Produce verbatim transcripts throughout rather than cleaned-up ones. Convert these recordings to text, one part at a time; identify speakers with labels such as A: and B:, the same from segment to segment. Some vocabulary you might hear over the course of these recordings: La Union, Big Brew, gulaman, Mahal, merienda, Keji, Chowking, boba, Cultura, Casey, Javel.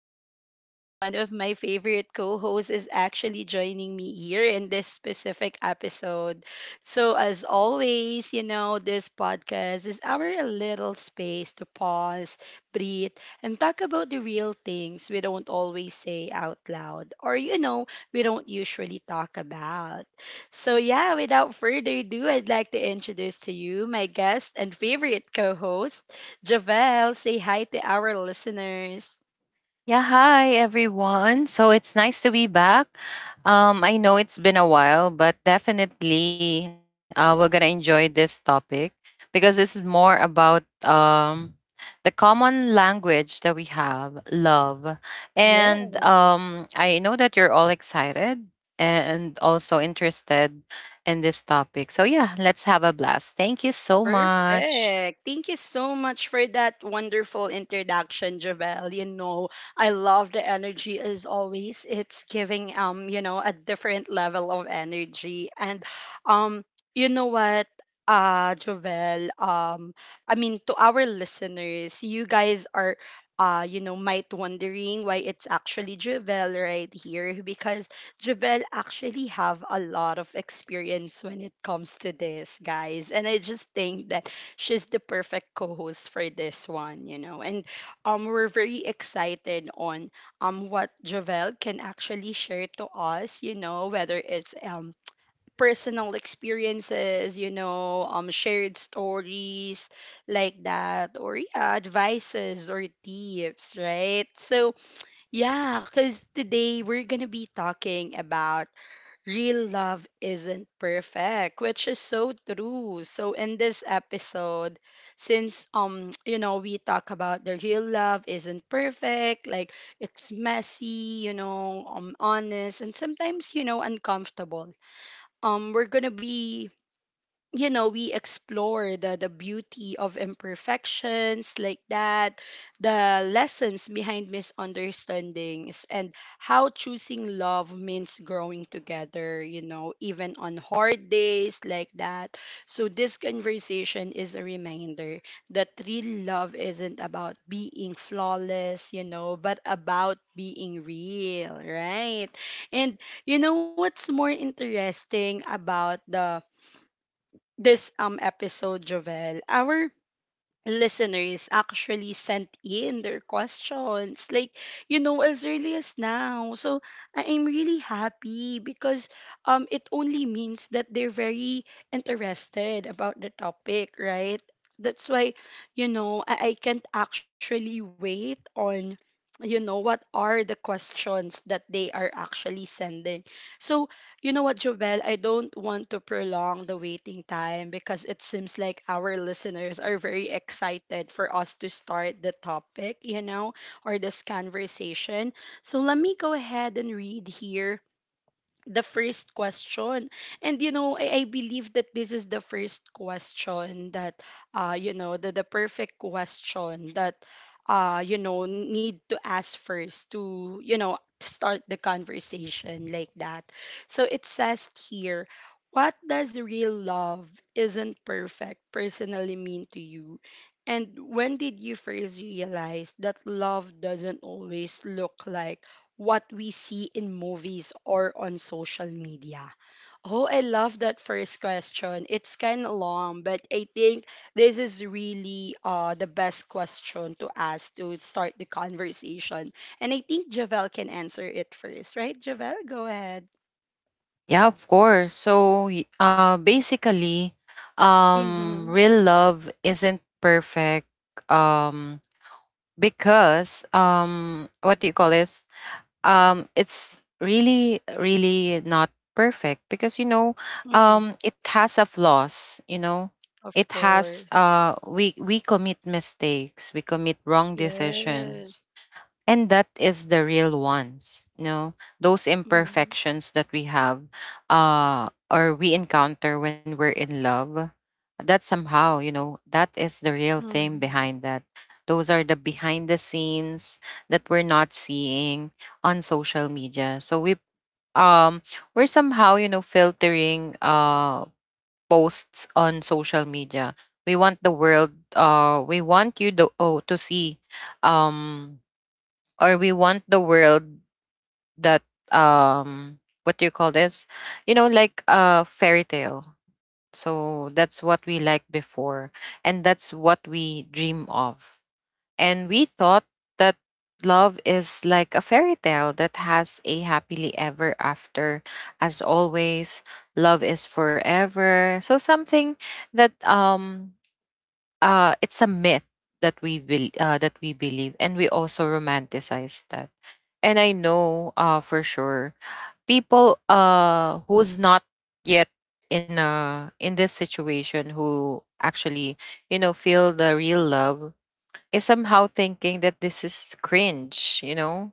A: glad because one of my favorite co hosts is actually joining me here in this specific episode. So, as always, you know, this podcast is our little space to pause, breathe, and talk about the real things we don't always say out loud or, you know, we don't usually talk about. So, yeah, without further ado, I'd like to introduce to you my guest and favorite co host, Javel. Say hi to our listeners.
B: Yeah, hi everyone. So it's nice to be back. Um, I know it's been a while, but definitely, uh, we're gonna enjoy this topic, because this is more about, um, the common language that we have, love, and, um, I know that you're all excited and also interested in this topic. So yeah, let's have a blast. Thank you so much.
A: Perfect. Thank you so much for that wonderful introduction, Javel. You know, I love the energy as always. It's giving um, you know, a different level of energy. And um, you know what? Uh, Javel, um, I mean to our listeners, you guys are uh, you know, might wondering why it's actually Javel right here because Jabel actually have a lot of experience when it comes to this, guys. And I just think that she's the perfect co-host for this one, you know. And um we're very excited on um what Javel can actually share to us, you know, whether it's um personal experiences, you know, um shared stories like that, or yeah, advices or tips, right? So yeah, because today we're gonna be talking about real love isn't perfect, which is so true. So in this episode, since um you know, we talk about the real love isn't perfect, like it's messy, you know, um honest, and sometimes, you know, uncomfortable. Um we're gonna be, you know, we explore the the beauty of imperfections like that, the lessons behind misunderstandings, and how choosing love means growing together, you know, even on hard days like that. So this conversation is a reminder that real love isn't about being flawless, you know, but about being real, right? And you know what's more interesting about the this um episode, Jovel? Our listeners actually sent in their questions like, you know, as early as now. So I- i'm really happy because um it only means that they're very interested about the topic, right? That's why, you know, i, I can't actually wait on, you know, what are the questions that they are actually sending. So you know what, Jovel? I don't want to prolong the waiting time because it seems like our listeners are very excited for us to start the topic, you know, or this conversation. So let me go ahead and read here the first question. And you know, I, I believe that this is the first question that uh you know, the the perfect question that uh you know need to ask first to, you know, start the conversation like that. So it says here, what does real love isn't perfect personally mean to you? And when did you first realize that love doesn't always look like what we see in movies or on social media? Oh, I love that first question. It's kind of long, but I think this is really uh, the best question to ask to start the conversation. And I think Javel can answer it first, right? Javel, go ahead.
B: Yeah, of course. So, y- uh, basically,
A: Mm-hmm.
B: um, real love isn't perfect. Um, because um, what do you call this? Um, it's really, really not perfect, because, you know,
A: Mm-hmm.
B: um, it has a flaws. You know,
A: Of
B: it has
A: course.
B: uh, we we commit mistakes, we commit wrong
A: Yes.
B: decisions, and that is the real ones, you know, those
A: Mm-hmm.
B: imperfections that we have, uh or we encounter when we're in love, that somehow, you know, that is the real thing
A: Mm-hmm.
B: behind that. Those are the behind the scenes that we're not seeing on social media. So we, um we're somehow, you know, filtering, uh posts on social media. We want the world, uh we want you to, oh, to see, um or we want the world that, um what do you call this, you know, like a fairy tale. So that's what we liked before, and that's what we dream of, and we thought that love is like a fairy tale that has a happily ever after. As always, love is forever, so something that, um uh, it's a myth that we bel uh, that we believe, and we also romanticize that. And I know, uh, for sure, people, uh, who's not yet in a, in this situation, who actually, you know, feel the real love, is somehow thinking that this is cringe, you know?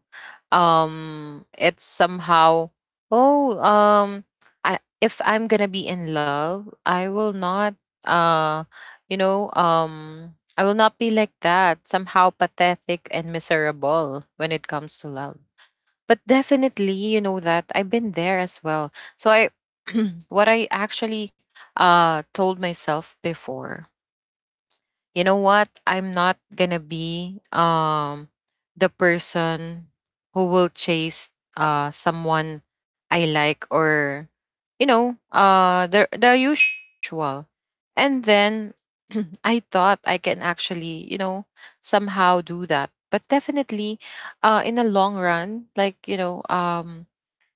B: Um it's somehow, oh, um I, if I'm going to be in love, I will not, uh you know, um I will not be like that, somehow pathetic and miserable when it comes to love. But definitely, you know, that I've been there as well. So I what I actually, uh told myself before, you know what? I'm not gonna be, um the person who will chase, uh someone I like, or, you know, uh the the usual. And then I thought I can actually, you know, somehow do that. But definitely, uh in the long run, like, you know, um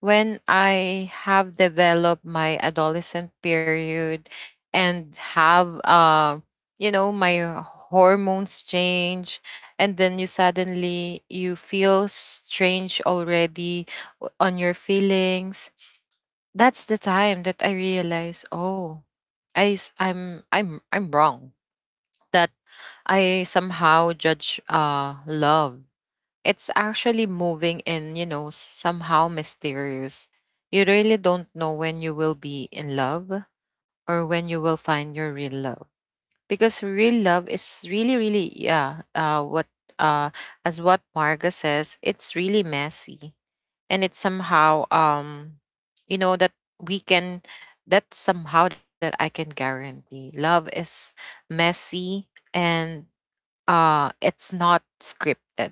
B: when I have developed my adolescent period, and have, um you know, my, uh, hormones change. And then you, suddenly, you feel strange already o- on your feelings. That's the time that I realize, oh, i s- i'm i'm i'm wrong, that I somehow judge, uh love. It's actually moving in, you know, somehow mysterious. You really don't know when you will be in love, or when you will find your real love, because real love is really, really, yeah, uh what uh as what Marga says, it's really messy. And it's somehow, um you know, that we can, that's somehow that I can guarantee, love is messy. And, uh it's not scripted,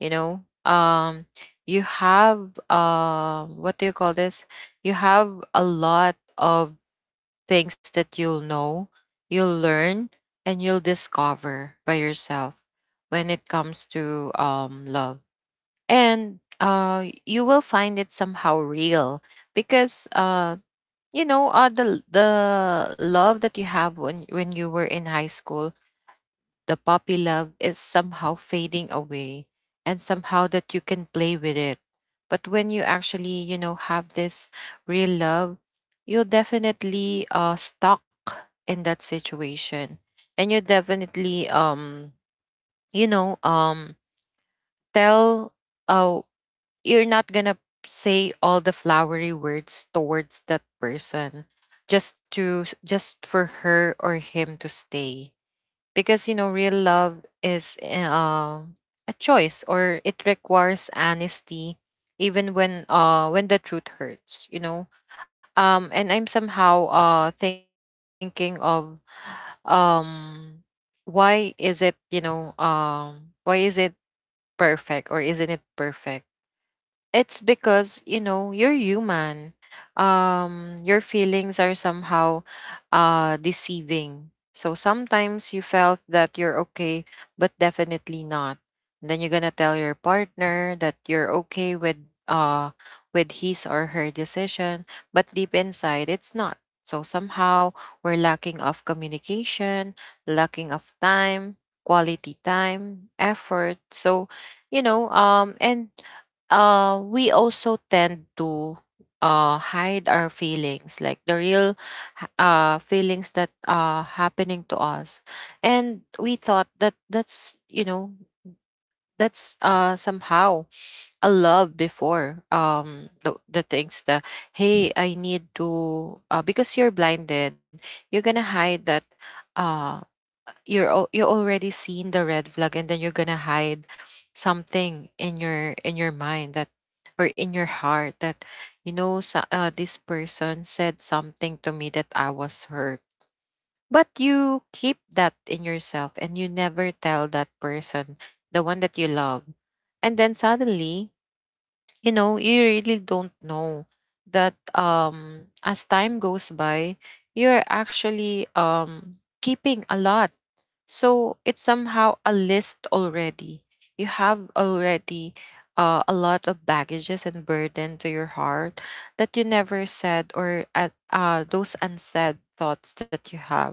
B: you know, um you have, uh what do you call this, you have a lot of things that you'll know, you'll learn, and you'll discover by yourself when it comes to, um, love. And, uh, you will find it somehow real, because, uh, you know, uh, the the love that you have when, when you were in high school, the puppy love, is somehow fading away, and somehow that you can play with it. But when you actually, you know, have this real love, you're definitely, uh stuck in that situation. And you definitely, um you know, um tell, uh you're not gonna say all the flowery words towards that person, just to, just for her or him to stay, because you know real love is eh, uh, a choice, or it requires honesty even when, uh when the truth hurts, you know. Um and I'm somehow, uh thinking of, um why is it, you know, um why is it perfect or isn't it perfect? It's because, you know, you're human. Um your feelings are somehow, uh deceiving, so sometimes you felt that you're okay, but definitely not. And then you're gonna tell your partner that you're okay with, uh with his or her decision, but deep inside it's not. So somehow we're lacking of communication, lacking of time, quality time, effort. So, you know, um and uh we also tend to, uh hide our feelings, like the real, h- uh feelings that are happening to us. And we thought that that's, you know, that's, uh somehow a love before, um the, the things that, hey, I need to, uh, because you're blinded, you're gonna hide that, uh, you're al- you already seen the red flag, and then you're gonna hide something in your, in your mind, that, or in your heart, that, you know, so, uh, this person said something to me that I was hurt. But you keep that in yourself, and you never tell that person, the one that you love. And then suddenly, you know, you really don't know that, um as time goes by, you're actually, um keeping a lot. So it's somehow a list already. You have already, uh, a lot of baggages and burden to your heart, that you never said, or at, uh, those unsaid thoughts that you have,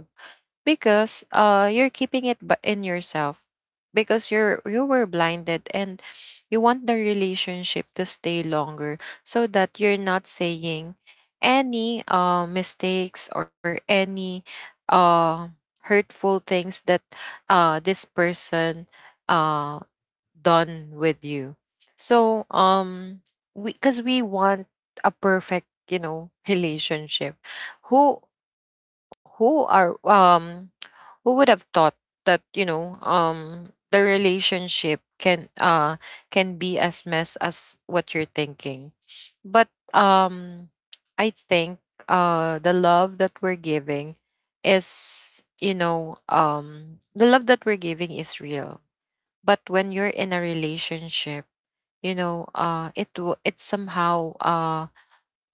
B: because, uh you're keeping it bu- in yourself, because you're, you were blinded, and you want the relationship to stay longer, so that you're not saying any, uh mistakes, or any, uh hurtful things that, uh this person, uh done with you. So, um we, because we want a perfect, you know, relationship. who who are um who would have thought that, you know, um the relationship can, uh can be as mess as what you're thinking. But, um I think, uh the love that we're giving is, you know, um the love that we're giving is real. But when you're in a relationship, you know, uh it will, it somehow, uh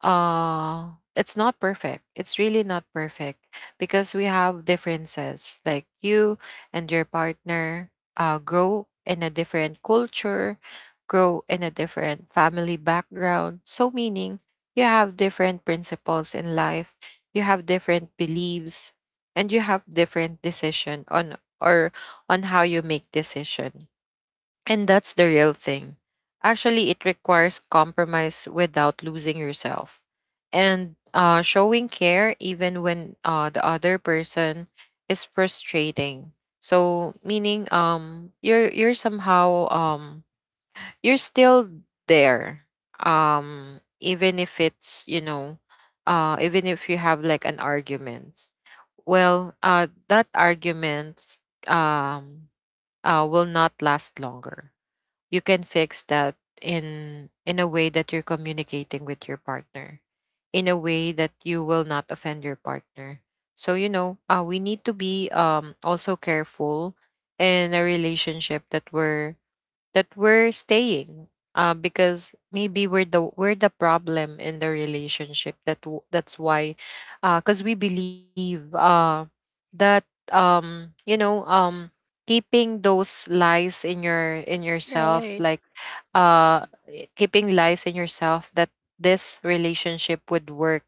B: uh it's not perfect. It's really not perfect, because we have differences, like you and your partner, uh grow in a different culture, grow in a different family background, so meaning, you have different principles in life, you have different beliefs, and you have different decision on, or on how you make decision. And that's the real thing. Actually, it requires compromise without losing yourself, and, uh, showing care even when, uh, the other person is frustrating. So meaning, um you're, you're somehow, um you're still there, um even if it's, you know, uh even if you have like an argument. Well, uh that argument, um uh will not last longer. You can fix that in, in a way that you're communicating with your partner, in a way that you will not offend your partner. So, you know, uh, we need to be, um also careful in a relationship that we're, that we're staying, uh, because maybe we're the we're the problem in the relationship that, w- that's why, because we believe, uh, that, um, you know, um, keeping those lies in your, in
A: Right.
B: yourself, like, uh, keeping lies in yourself, that this relationship would work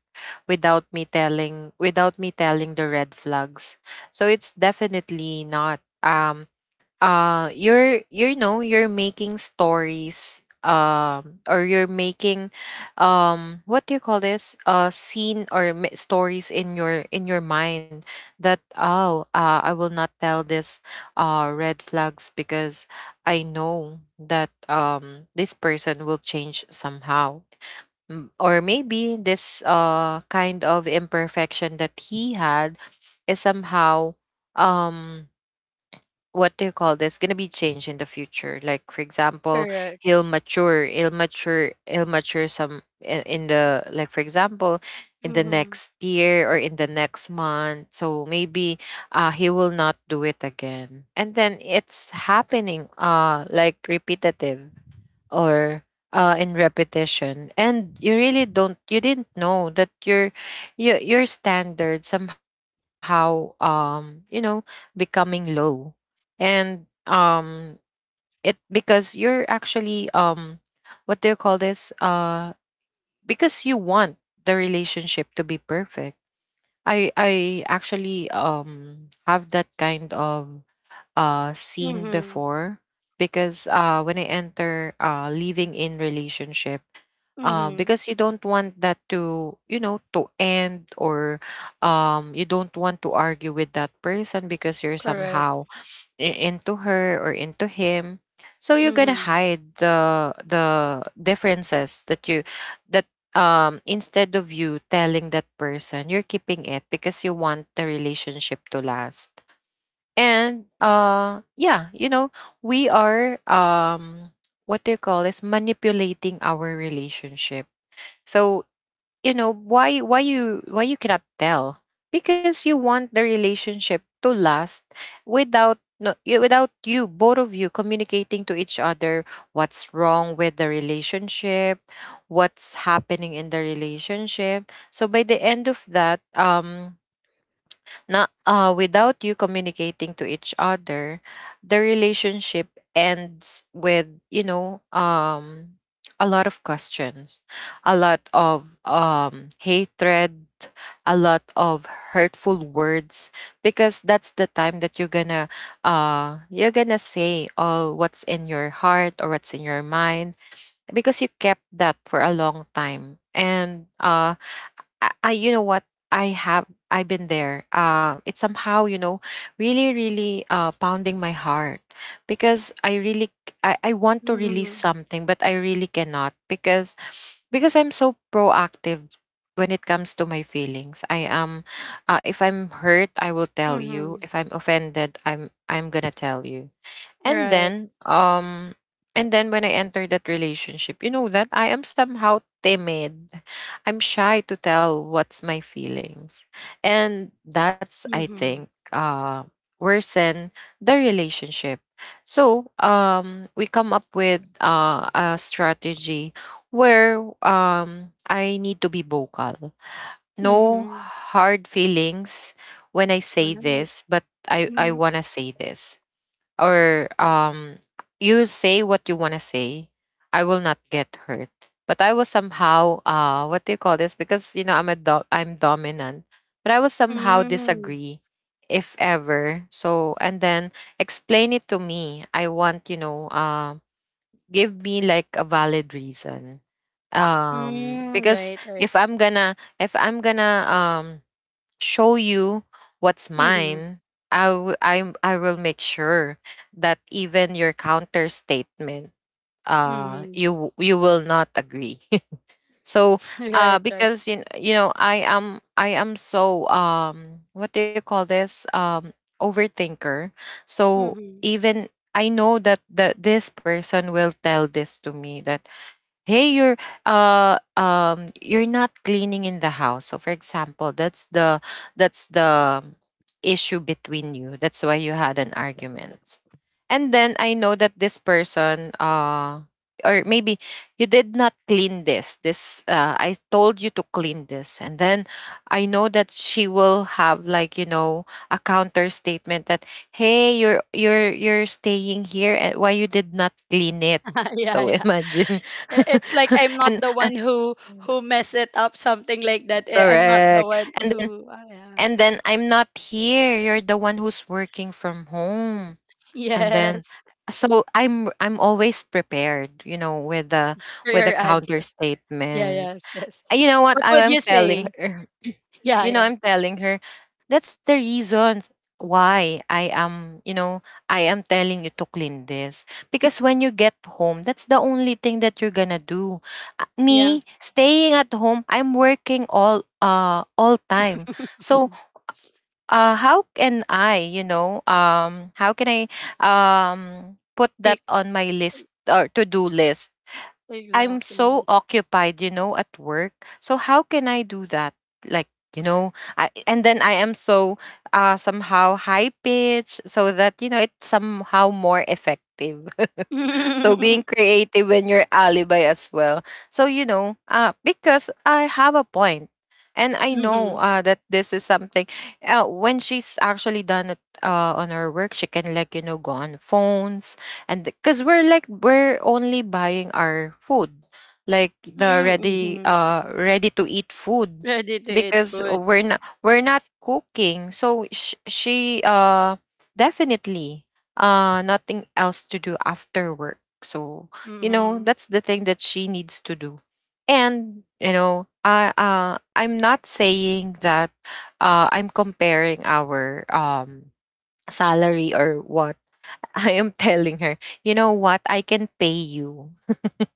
B: without me telling, without me telling the red flags. So it's definitely not, um uh you're, you know, you're making stories, um or you're making, um what do you call this, uh scene, or ma- stories in your, in your mind, that, oh, uh, I will not tell this, uh red flags, because I know that, um this person will change somehow. M- or maybe this, uh kind of imperfection that he had is somehow, um what do you call this, gonna be changed in the future, like for example,
A: Correct.
B: he'll mature he'll mature he'll mature some, i- in the, like for example, in the
A: Mm-hmm.
B: next year or in the next month. So maybe, uh he will not do it again. And then it's happening, uh like repetitive, or, uh, in repetition. And you really don't, you didn't know that your, your, your standard somehow, um you know, becoming low. And, um it because you're actually, um what do you call this, uh because you want the relationship to be perfect. I i actually, um have that kind of, uh scene
A: Mm-hmm.
B: before, because, uh when I enter, uh living in relationship, uh,
A: Mm-hmm.
B: because you don't want that to, you know, to end, or, um, you don't want to argue with that person, because you're
A: Correct.
B: somehow i- into her, or into him. So you're gonna hide the the differences that you, that, um instead of you telling that person, you're keeping it, because you want the relationship to last. And, uh yeah, you know, we are, um what they call is, manipulating our relationship. So, you know, why, why you why you cannot tell? Because you want the relationship to last, without no y- without you, both of you, communicating to each other what's wrong with the relationship, what's happening in the relationship. So by the end of that, um, not uh, without you communicating to each other, the relationship ends with you know um a lot of questions, a lot of um hatred, a lot of hurtful words, because that's the time that you're gonna uh you're gonna say all what's in your heart or what's in your mind, because you kept that for a long time. And uh I, I you know what I have I've been there. Uh, it's somehow you know really really uh, pounding my heart, because I really c- I, I want to release
A: Mm-hmm.
B: something but I really cannot, because because I'm so proactive when it comes to my feelings. I am, uh, if I'm hurt I will tell you.
A: Mhm.
B: If I'm offended I'm I'm gonna tell you. And
A: Right.
B: then, um and then when I entered that relationship, you know that I am somehow timid. I'm shy to tell what's my feelings, and that's, I
A: Mhm.
B: think, uh worsen the relationship. So um we come up with uh, a strategy where um I need to be vocal. No
A: Mhm.
B: hard feelings when I say
A: Right.
B: this, but i i
A: Mm.
B: want to say this. Or um you say what you want to say, I will not get hurt. But I will somehow, uh, what do you call this, because you know I'm a do- I'm dominant, but I will somehow
A: Mm.
B: disagree. If ever, so and then explain it to me. I want, you know um give me like a valid reason. Um
A: Mm.
B: because
A: Right. Right.
B: if i'm gonna if I'm gonna, um, show you what's
A: Mhm.
B: mine, I, w- I, I will make sure that even your counter statement, uh,
A: Mhm.
B: you w- you will not agree. So, uh,
A: Right. Right.
B: because you kn- you know, I am, I am so, um, what do you call this, um, overthinker. So
A: Mhm.
B: even I know that that this person will tell this to me that, hey, you're, uh um you're not cleaning in the house. So for example, that's the, that's the issue between you, that's why you had an argument. And then I know that this person, uh or maybe you did not clean this, this uh, I told you to clean this. And then I know that she will have like, you know, a counter statement that, hey, you're you're you're staying here and why you did not clean it.
A: Yeah.
B: So
A: Yeah.
B: imagine.
A: I- It's like I'm not
B: And
A: the
B: uh,
A: one who who mess it up, something like that. I- I'm not the
B: correct.
A: one
B: And then,
A: who. Ah, yeah.
B: and then I'm not here. You're the one who's working from home. And then
A: Yes.
B: so I'm I'm always prepared, you know, with the,
A: For
B: with the
A: your
B: counter
A: answer. Yeah.
B: statements.
A: Yes. Yes.
B: Uh, You know what
A: What
B: I
A: would
B: am
A: you
B: telling
A: say?
B: her?
A: Yeah.
B: You know,
A: Yeah.
B: I'm telling her, that's the reason why I am, you know, I am telling you to clean this. Because when you get home, that's the only thing that you're gonna do. Uh,
A: Yeah.
B: Me staying at home, I'm working all uh all time. So uh how can I, you know, um how can I, um, put that
A: Pick.
B: on my list or to do list? I'm so
A: Exactly.
B: occupied, you know, at work. So how can I do that? Like, you know, I, and then I am so, uh somehow high pitched so that, you know, it's somehow more effective. So
A: Mm-hmm.
B: being creative when you're alibi as well. So you know, uh, because I have a point, and I know, uh, that this is something. Uh, when she's actually done it, uh, on her work, she can like, you know, go on phones. And because we're like, we're only buying our food, like the ready,
A: Mm-hmm.
B: uh ready to eat food,
A: Ready to eat
B: because
A: food.
B: we're not we're not cooking. So sh- she, uh definitely, uh nothing else to do after work. So, you know,
A: Mhm.
B: that's the thing that she needs to do. And, you know, I uh I'm not saying that, uh I'm comparing our, um, salary or what. I am telling her, you know what, I can pay you.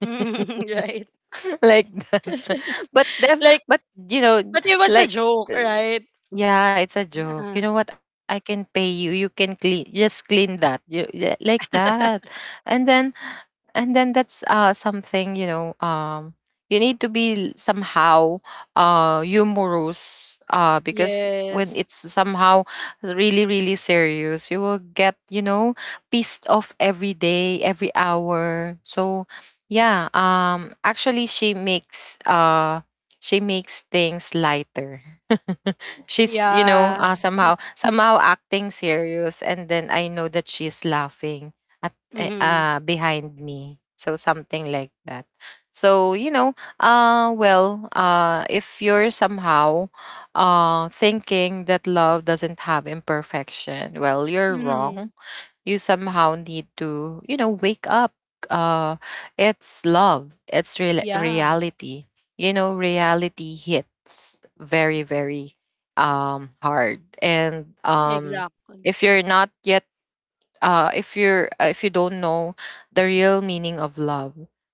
A: Right.
B: Like that. But def-
A: Like,
B: but you know,
A: but it was a
B: like
A: joke,
B: th-
A: right?
B: yeah, it's a joke.
A: Uh,
B: You know what? I can pay you. You can clean, just clean that. You, yeah, like that. And then, and then that's, uh, something, you know, um, you need to be somehow, uh humorous, uh because when
A: yes.
B: it's somehow really really serious, you will get, you know, pissed off every day, every hour. So yeah, um actually she makes, uh she makes things lighter. She's, you know,
A: Yeah.
B: uh, somehow, somehow acting serious, and then I know that she's laughing at, eh,
A: Mhm.
B: uh, behind me. So something like that. So you know, uh, well, uh, if you're somehow, uh, thinking that love doesn't have imperfection, well, you're wrong.
A: Mhm.
B: You somehow need to, you know, wake up. Uh, it's love. It's real
A: Yeah.
B: reality. You know, reality hits very, very, um hard. And, um,
A: Exactly.
B: if you're not yet, uh, if you're uh, if you don't know the real meaning of love,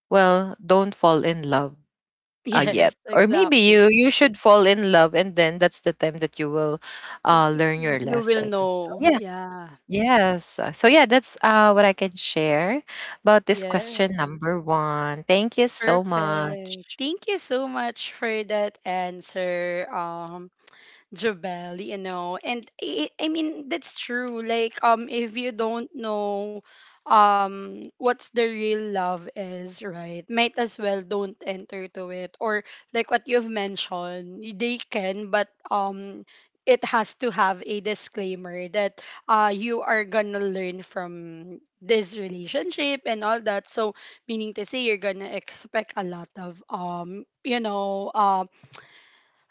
B: well, don't fall in love, uh, yet.
A: Yes,
B: Or maybe
A: exactly.
B: you you should fall in love, and then that's the time that you will, uh, learn your
A: You will
B: lesson. So,
A: know.
B: yeah.
A: Yeah.
B: Yes. uh, So yeah, that's, uh, what I can share about this question
A: Yes.
B: number one. Thank you so
A: Perfect.
B: much.
A: Thank you so much for that answer, um, Jobel, you know. And I, I mean that's true. Like, um if you don't know um what's the real love is, right? Might as well don't enter to it. Or like what you've mentioned, y- they can, but um it has to have a disclaimer that uh you are gonna learn from this relationship and all that. So meaning to say you're gonna expect a lot of um you know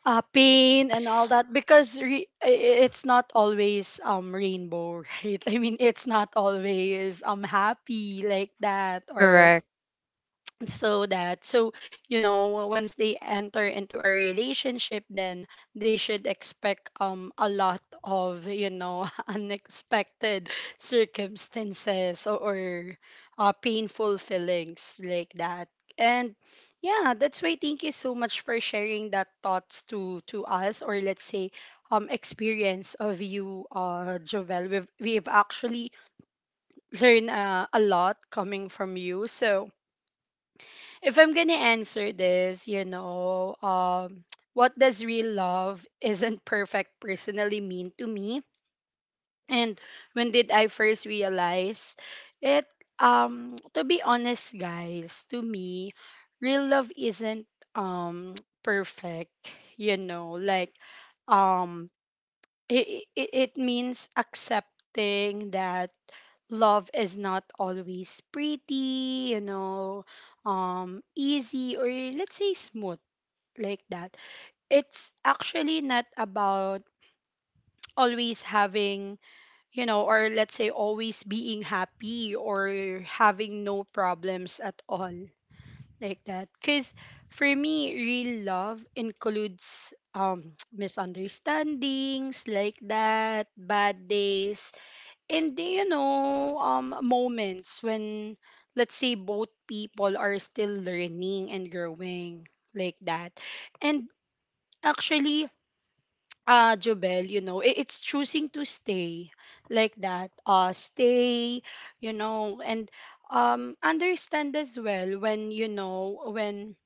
A: uh, pain and all
B: Yes.
A: that, because re- i- i- it's not always um rainbow right? I mean, it's not always um happy like that. Or
B: Correct.
A: so that so, you know, once they enter into a relationship, then they should expect um a lot of, you know, unexpected circumstances, or, or uh, painful feelings like that. And yeah, that's why thank you so much for sharing that thoughts to to us, or let's say um experience of you, uh Jovel. We've, we've actually learned, uh, a lot coming from you. So if I'm gonna answer this, you know, um, what does real love isn't perfect personally mean to me? And when did I first realize it? Um, to be honest, guys, to me, real love isn't um perfect. You know, like, um, it it, it means accepting that love is not always pretty, you know, um, easy, or let's say smooth, like that. It's actually not about always having, you know, or let's say always being happy or having no problems at all, like that. Because for me, real love includes um misunderstandings like that, bad days, and you know, um, moments when, let's say, both people are still learning and growing like that. And actually, uh, Jobel, you know, i- it's choosing to stay like that. Uh, stay, you know, and um, understand as well when, you know, when,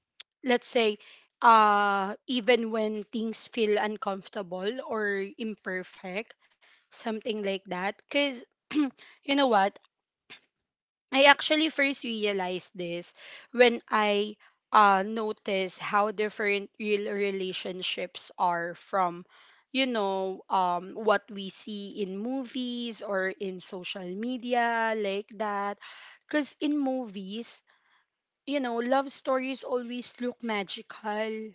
A: let's say, uh, even when things feel uncomfortable or imperfect, something like that. Because you know what? I actually first realized this when I uh, noticed how different real relationships are from, you know, um, what we see in movies or in social media, like that. Because in movies, you know, love stories always look magical,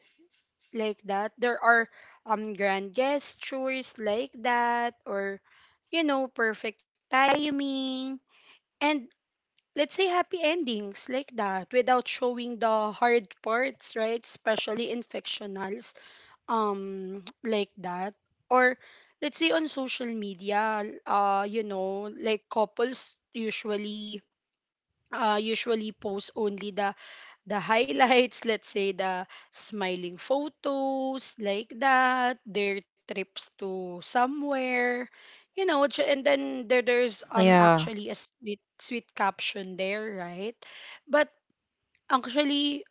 A: like that. There are um, grand gestures, like that, or, you know, perfect timing. And let's say happy endings like that without showing the hard parts, right? Especially in fictionals um like that, or let's say on social media, uh you know, like couples usually uh usually post only the the highlights, let's say the smiling photos like that, their trips to somewhere, you know, ch- and then there, there's um
B: Yeah.
A: actually a sweet sweet caption there, right? But actually,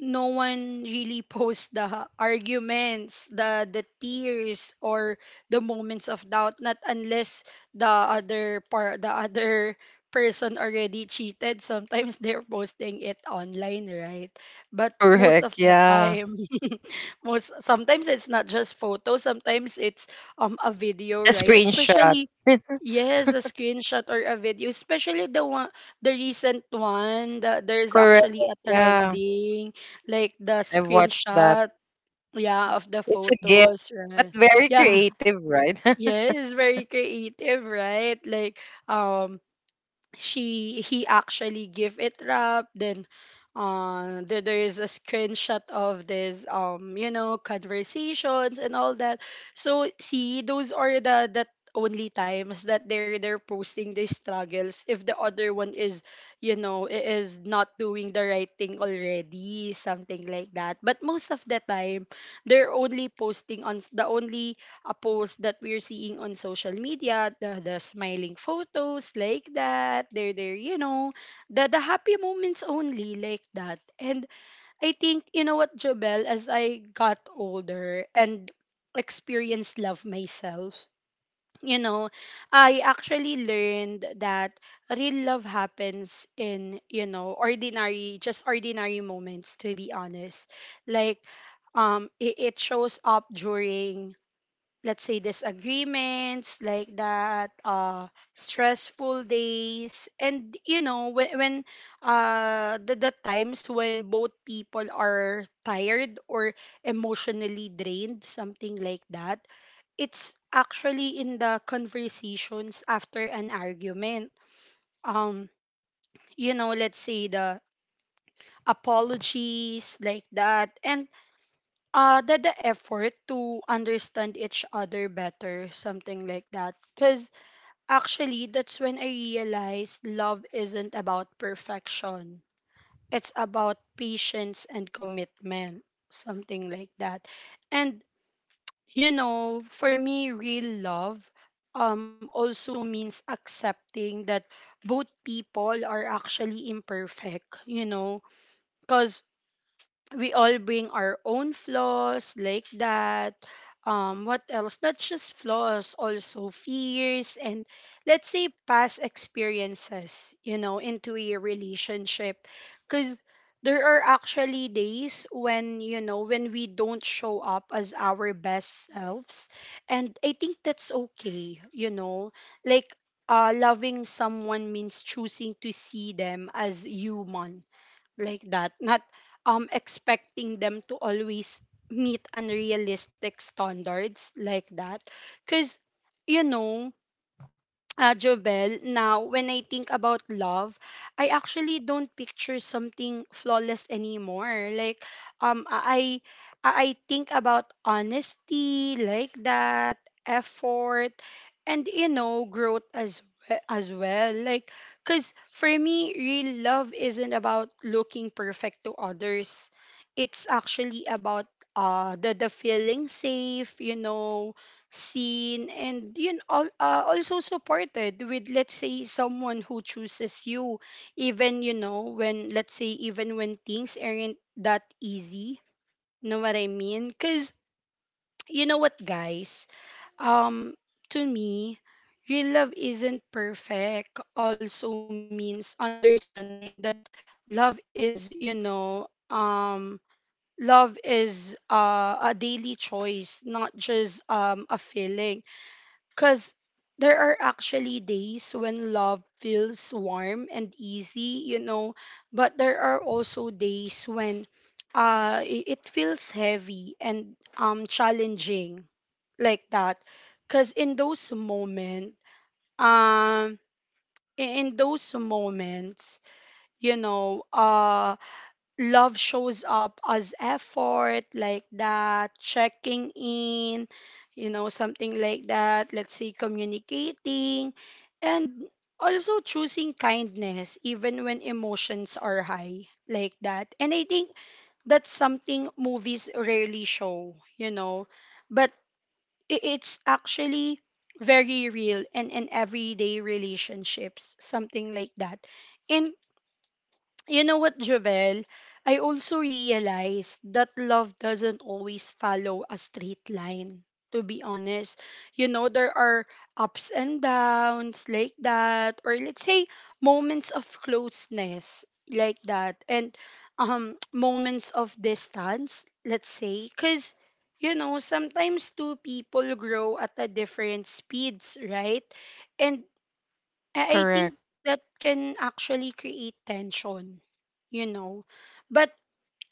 A: no one really posts the arguments, the the tears, or the moments of doubt, not unless the other part the other person already cheated. Sometimes they're posting it online, right? But most of
B: Correct.
A: the
B: Yeah.
A: time, most sometimes it's not just photos, sometimes it's um a video,
B: A
A: right?
B: screenshot.
A: Especially yes, a screenshot or a video, especially the one, the recent one that there's
B: Correct.
A: actually a
B: Yeah.
A: trending, like the
B: I've watched that.
A: screenshot, yeah, of the
B: It's a gift,
A: photos,
B: but
A: right?
B: very
A: Yeah,
B: creative, right?
A: yes, very creative, right? Like, um, she he actually give it up. Then uh there, there is a screenshot of this um you know conversations and all that. So see, those are the that only times that they're they're posting their struggles if the other one is, you know, i- is not doing the right thing already, something like that. But most of the time they're only posting on the only a post that we're seeing on social media, the, the smiling photos like that. They're there, you know, the, the happy moments only like that. And I think, you know what, Jobel, as I got older and experienced love myself, you know, I actually learned that real love happens in, you know, ordinary, just ordinary moments, to be honest. Like, um, it, it shows up during, let's say, disagreements like that, uh stressful days, and you know, when, when uh the, the times when both people are tired or emotionally drained, something like that. It's actually in the conversations after an argument, um you know, let's say the apologies like that, and uh the, the effort to understand each other better, something like that. Because actually, that's when I realized love isn't about perfection. It's about patience and commitment, something like that. And you know, for me, real love um also means accepting that both people are actually imperfect, you know, cuz we all bring our own flaws like that. Um, what else? Not just flaws, also fears and let's say past experiences, you know, into a relationship. Because there are actually days when, you know, when we don't show up as our best selves. And I think that's okay, you know, like, uh, loving someone means choosing to see them as human like that, not um expecting them to always meet unrealistic standards like that, cuz you know, uh, Jovel, now when I think about love, I actually don't picture something flawless anymore. Like, um, I, I I think about honesty like that, effort, and you know, growth as we- as well. Like, cause for me, real love isn't about looking perfect to others. It's actually about uh the the feeling safe, you know, seen and you know, al- uh, also supported with let's say someone who chooses you even you know when let's say even when things aren't that easy know what I mean because you know what guys um to me real love isn't perfect also means understanding that love is you know um love is uh, a daily choice not just um a feeling because there are actually days when love feels warm and easy, you know, but there are also days when uh i- it feels heavy and um challenging like that. Cause in those moments, um i- in those moments, you know, uh, love shows up as effort like that checking in you know something like that let's say communicating and also choosing kindness even when emotions are high like that and I think that's something movies rarely show you know but i- it's actually very real and in everyday relationships something like that in you know what, Jovel? I also realized that love doesn't always follow a straight line, to be honest. You know, there are ups and downs like that, or let's say moments of closeness like that, and um, moments of distance, let's say, because you know, sometimes two people grow at a different speeds, right? And I I
B: Correct.
A: think that can actually create tension, you know. But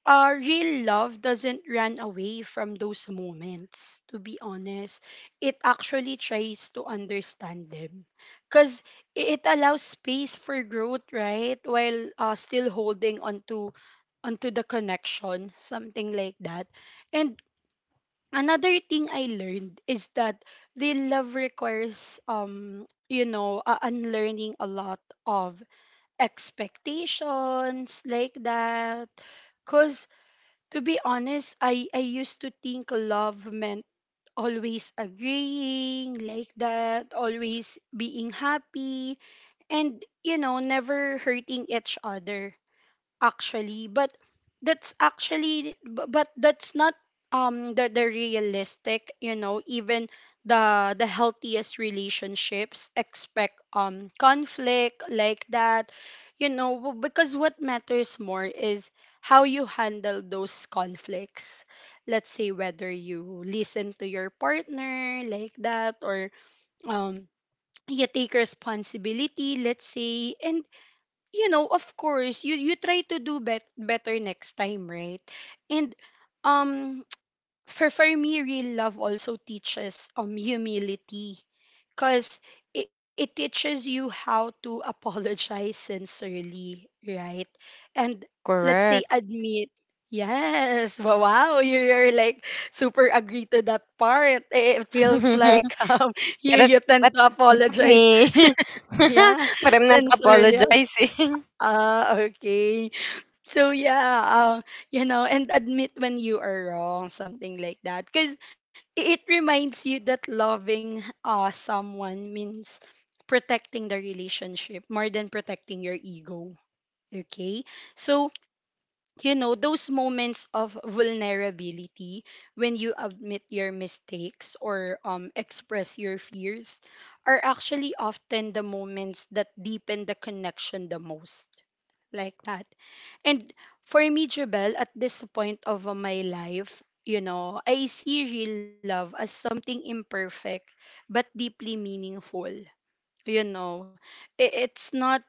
A: uh, real love doesn't run away from those moments, to be honest. It actually tries to understand them. Because it allows space for growth, right? While uh, still holding onto, onto the connection, something like that. And another thing I learned is that real love requires um you know uh, unlearning a lot of expectations like that cuz to be honest I I used to think love meant always agreeing like that always being happy and you know never hurting each other actually but that's actually bu- but that's not um the, the realistic you know even the the healthiest relationships expect um conflict like that you know w- because what matters more is how you handle those conflicts let's say whether you listen to your partner like that or um you take responsibility let's say and you know, of course, you you try to do bet- better next time, right? And um for for me real love also teaches um humility cuz it, it teaches you how to apologize sincerely, right? And let's say
B: Correct.
A: admit Yes, wow, wow, you- you're like super agree to that part. It it feels like um,
B: But
A: you
B: it,
A: you tend
B: but
A: to
B: it's not
A: apologize,
B: me.
A: yeah,
B: But I'm not
A: sincerely.
B: apologizing.
A: Ah, okay. So yeah, uh, you know, and admit when you are wrong, something like that. Because it reminds you that loving uh, someone means protecting the relationship more than protecting your ego. Okay? So, you know, those moments of vulnerability when you admit your mistakes or um, express your fears are actually often the moments that deepen the connection the most like that. And for me, Jubel, at this point of uh, my life, you know, I see real love as something imperfect but deeply meaningful you know i- it's not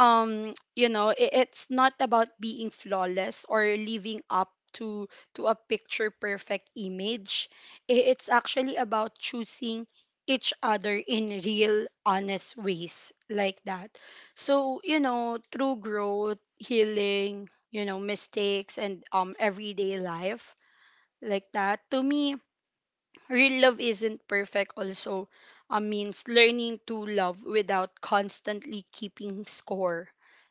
A: um you know i- it's not about being flawless or living up to to a picture perfect image I- it's actually about choosing each other in real honest ways like that so you know through growth healing you know mistakes and um everyday life like that to me real love isn't perfect also uh, means learning to love without constantly keeping score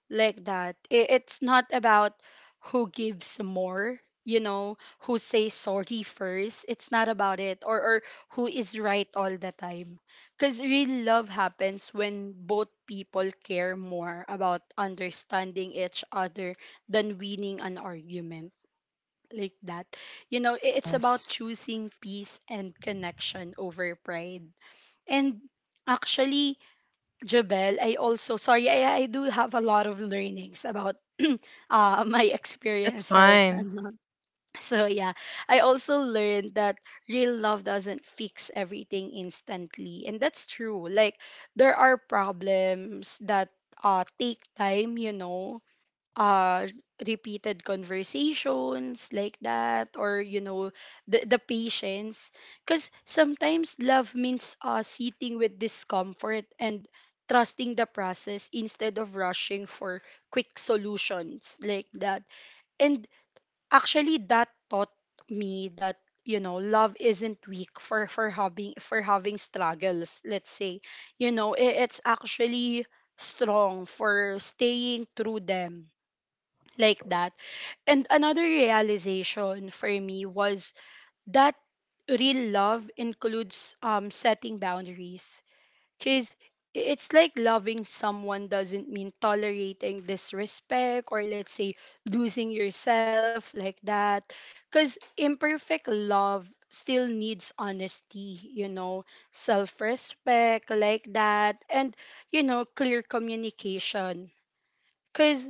A: like that I- it's not about who gives more you know who says sorry first it's not about it or, or who is right all the time because real love happens when both people care more about understanding each other than winning an argument like that. You know, i- it's about
B: Yes.
A: choosing peace and connection over pride. And actually, Jabel, I also sorry, I, I do have a lot of learnings about uh, my
B: That's
A: experiences
B: fine.
A: and uh, so yeah, I also learned that real love doesn't fix everything instantly, and that's true. Like there are problems that uh take time, you know, uh repeated conversations like that or you know the, the patience because sometimes love means uh sitting with discomfort and trusting the process instead of rushing for quick solutions like that and actually that taught me that you know love isn't weak for for having for having struggles let's say you know i- it's actually strong for staying through them like that and another realization for me was that real love includes um, setting boundaries. Because it's like loving someone doesn't mean tolerating disrespect or, let's say, losing yourself like that. Because imperfect love still needs honesty, you know, self respect like that, and, you know, clear communication. Because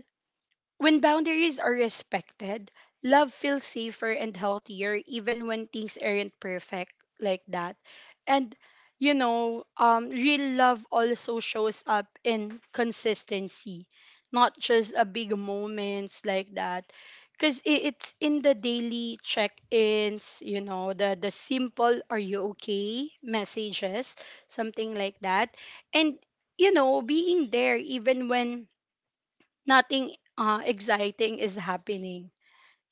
A: when boundaries are respected, love feels safer and healthier even when things aren't perfect like that. And you know, um real love also shows up in consistency, not just a big moments like that. Cause i- it's in the daily check-ins, you know, the the simple "Are you okay?" messages, something like that, and you know, being there even when nothing uh, exciting is happening.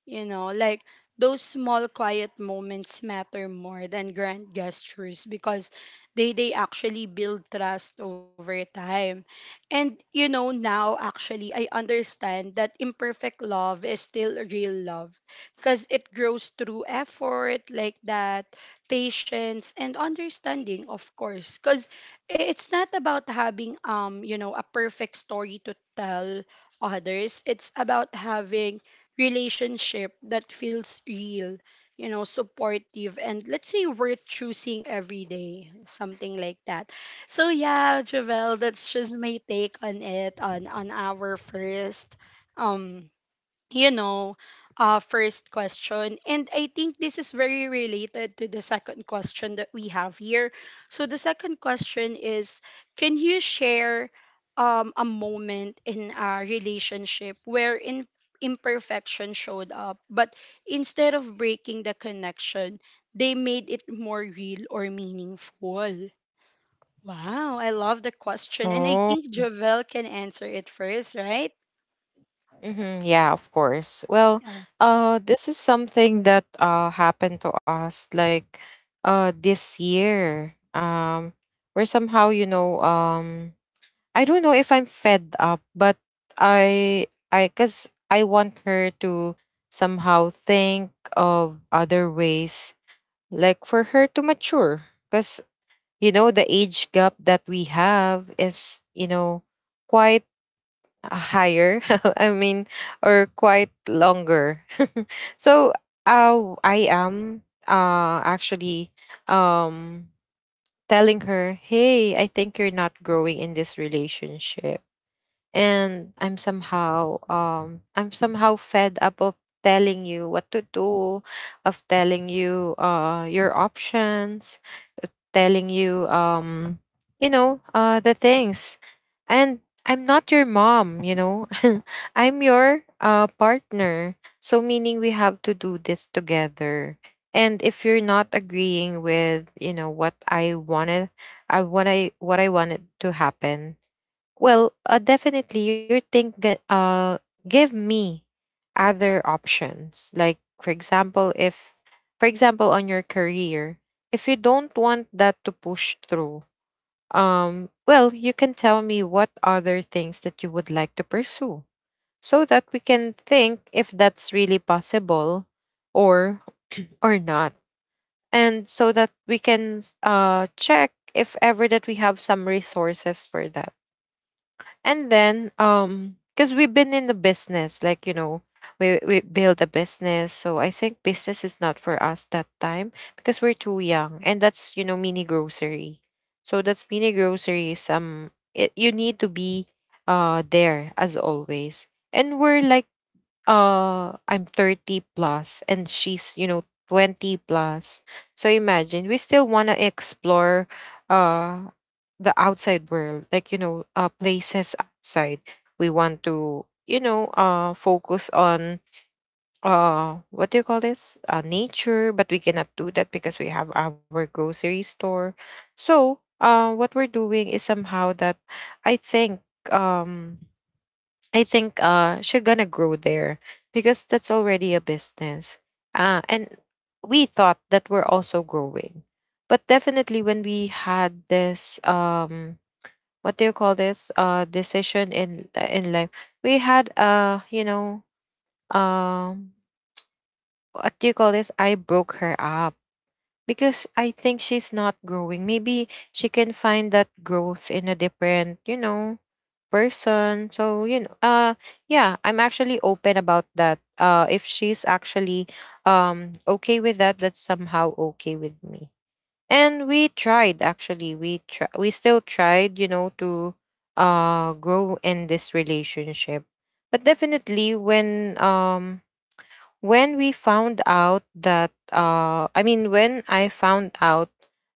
A: You know, like those small quiet moments matter more than grand gestures because they they actually build trust over time. And you know, now actually I understand that imperfect love is still real love because it grows through effort like that, patience and understanding, of course, because it's not about having um, you know, a perfect story to tell others. It's about having relationship that feels real, you know, supportive, and let's say worth choosing every day, something like that. So yeah, Javel, that's just my take on it on on our first um you know, uh, first question. And I think this is very related to the second question that we have here. So the second question is, can you share um, a moment in a relationship where in imperfection showed up, but instead of breaking the connection, they made it more real or meaningful? Wow, I love the question. And I
B: Oh.
A: think Javel can answer it first, right?
B: hmm Yeah, of course. Well,
A: Yeah.
B: uh, this is something that uh happened to us like, uh this year. Um, we're somehow, you know, um I don't know if I'm fed up, but I I cuz I want her to somehow think of other ways, like for her to mature. Cuz you know, the age gap that we have is, you know, quite higher I mean, or quite longer. So, uh, I am, uh actually, um, telling her, "Hey, I think you're not growing in this relationship." And I'm somehow, um I'm somehow fed up of telling you what to do, of telling you, uh your options, telling you, um you know uh the things. And I'm not your mom, you know. I'm your, uh partner. So meaning we have to do this together. And if you're not agreeing with, you know, what I wanted I what I what I wanted to happen, well, uh, definitely, you think that, uh, give me other options. Like, for example, if, for example, on your career, if you don't want that to push through, um, well, you can tell me what other things that you would like to pursue, so that we can think if that's really possible, or or not, and so that we can s- uh check if ever that we have some resources for that. And then, um because we've been in the business, like you know, we we build a business. So I think business is not for us that time, because we're too young. And that's, you know, mini grocery. So that's mini grocery. Some it, you need to be, uh there as always. And we're like, uh I'm thirty plus and she's, you know, twenty plus. So imagine we still want to explore, uh the outside world, like you know, uh places outside. We want to, you know, uh focus on, uh what do you call this? Uh nature, but we cannot do that because we have our grocery store. So, uh what we're doing is somehow that I think, um I think uh she's gonna grow there because that's already a business. Ah, and we thought that we're also growing. But definitely when we had this, um what do you call this, uh decision in, uh, in life, we had, uh you know um what do you call this? I broke her up because I think she's not growing. Maybe she can find that growth in a different, you know, person. So, you know, uh yeah, I'm actually open about that. Uh if she's actually, um okay with that, that's somehow okay with me. And we tried actually. We try we still tried, you know, to, uh grow in this relationship. But definitely when, um when we found out that, uh i mean when I found out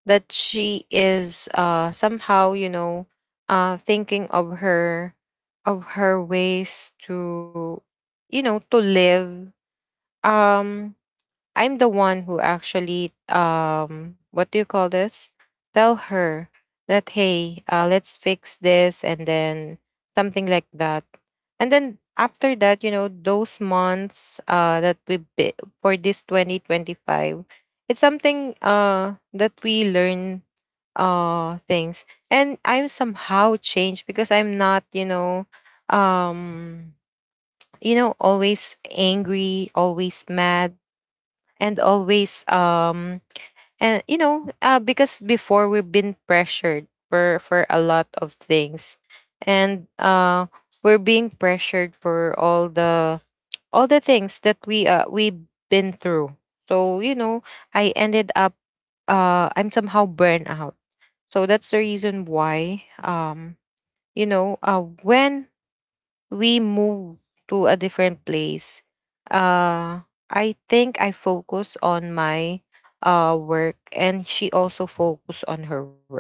B: that she is, uh somehow, you know, uh thinking of her, of her ways to, you know, to live, um I'm the one who actually, um what do you call this? Tell her that, hey, uh, let's fix this and then something like that. And then after that, you know, those months, uh that we bi- for this twenty twenty-five, it's something, uh that we learn, uh things. And I'm somehow changed because I'm not, you know, um you know, always angry, always mad and always um and you know uh, because before we've been pressured for for a lot of things and uh we're being pressured for all the all the things that we uh we've been through so you know I ended up uh I'm somehow burned out. So that's the reason why um you know uh when we move to a different place, uh, I think I focus on my uh, work, and she also focus on her work.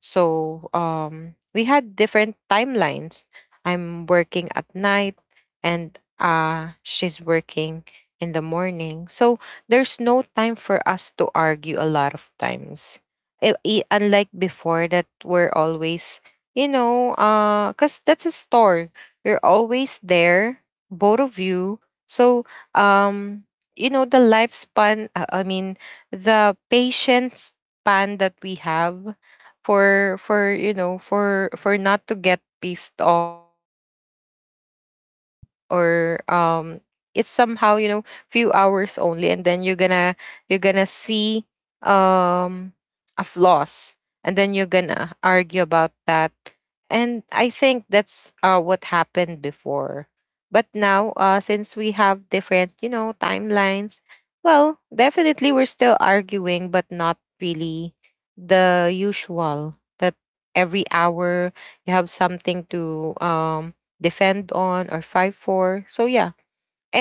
B: So um, we had different timelines. I'm working at night, and uh, she's working in the morning. So there's no time for us to argue a lot of times. I- i- unlike before, that we're always, you know, because that's a store. You're always there, both of you. So, um, you know, the lifespan, uh, I mean, the patience span that we have for for you know for for not to get pissed off, for not to get annoyed, or um it's somehow, you know, few hours only, and then you're gonna you're gonna see um a flaws, and then you're gonna argue about that. And I think that's uh what happened before. But now, uh since we have different, you know, timelines, well, definitely we're still arguing, but not really the usual, that every hour you have something to um defend on or fight for. So yeah.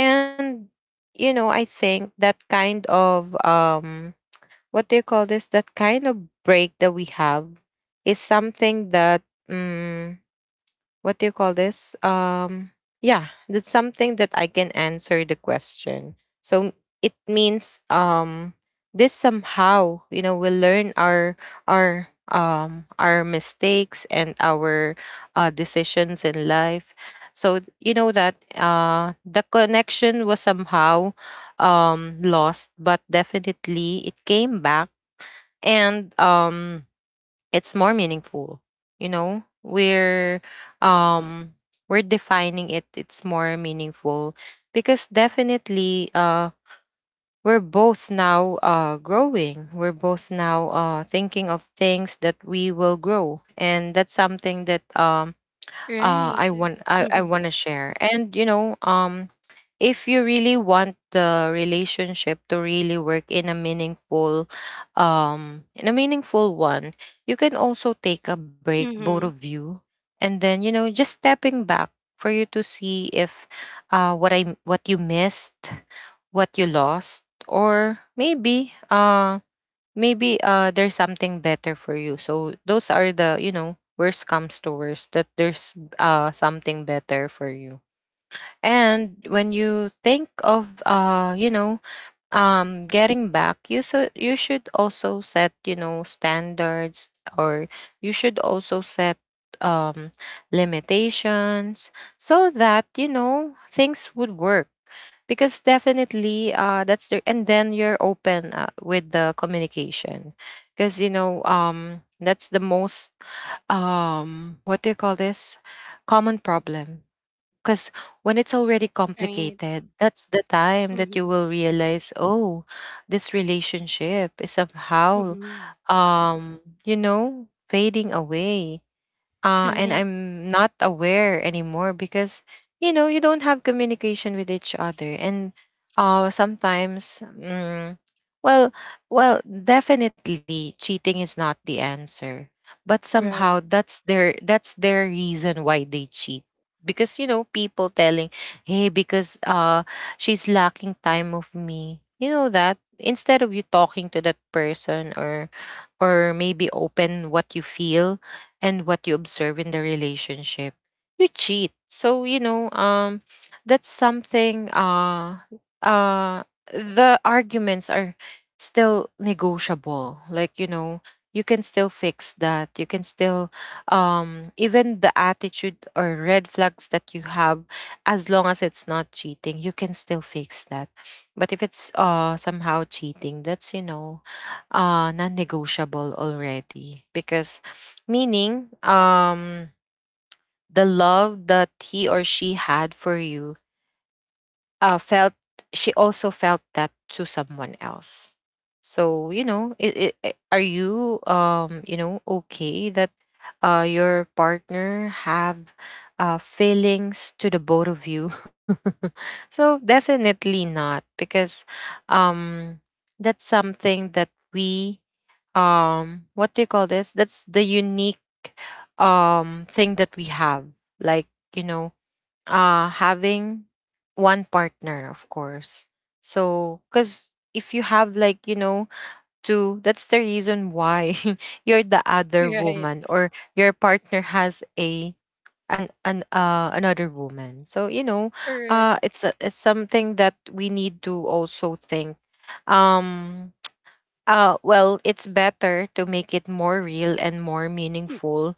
B: And you know, I think that kind of um what do you call this, that kind of break that we have is something that mm, what do you call this? Um, yeah, that's something that I can answer the question. So it means um, this somehow, you know, we learn our our um our mistakes and our uh, decisions in life. So you know that uh, the connection was somehow um, lost, but definitely it came back. And um it's more meaningful. You know, we're um we're defining it. It's more meaningful, because definitely uh we're both now uh growing. We're both now uh thinking of things that we will grow, and that's something that um uh,
A: Right.
B: I want I, I want to share. And you know, um, if you really want the relationship to really work in a meaningful, um, in a meaningful one, you can also take a break, both
A: Mm-hmm.
B: of you, and then you know, just stepping back for you to see if, uh, what I what you missed, what you lost, or maybe uh maybe uh there's something better for you. So those are the, you know, worst comes to worst, that there's uh something better for you. And when you think of uh you know, um getting back you, so you should also set, you know, standards, or you should also set um limitations, so that you know things would work. Because definitely uh that's the, and then you're open uh, with the communication. Because you know, um that's the most um what do you call this common problem. Because when it's already
A: Right.
B: complicated, that's the time that
A: Mm-hmm.
B: you will realize, oh, this relationship is somehow,
A: Mm-hmm.
B: um, you know, fading away, uh, and
A: Right.
B: I'm not aware anymore. Because you know, you don't have communication with each other. And uh, sometimes, mm, well, well, definitely cheating is not the answer, but
A: Right.
B: somehow that's their that's their reason why they cheat. Because you know, people telling, hey, because uh, she's lacking time of me. You know, that instead of you talking to that person, or or maybe open what you feel and what you observe in the relationship, you cheat. So, you know, um that's something uh uh the arguments are still negotiable. Like, you know, you can still fix that. You can still um even the attitude or red flags that you have, as long as it's not cheating, you can still fix that. But if it's uh somehow cheating, that's you know uh non-negotiable already. Because meaning um the love that he or she had for you uh felt she also felt that to someone else. So you know it, it, are you um you know okay that uh your partner have uh feelings to the both of you? So definitely not, because um that's something that we um what do you call this that's the unique um thing that we have, like you know, uh having one partner, of course. So because if you have, like, you know, two, that's the reason why you're the other
A: Right.
B: woman, or your partner has a an, an uh another woman. So you know,
A: Correct.
B: uh it's a, it's something that we need to also think. um uh, well, it's better to make it more real and more
A: Mm.
B: meaningful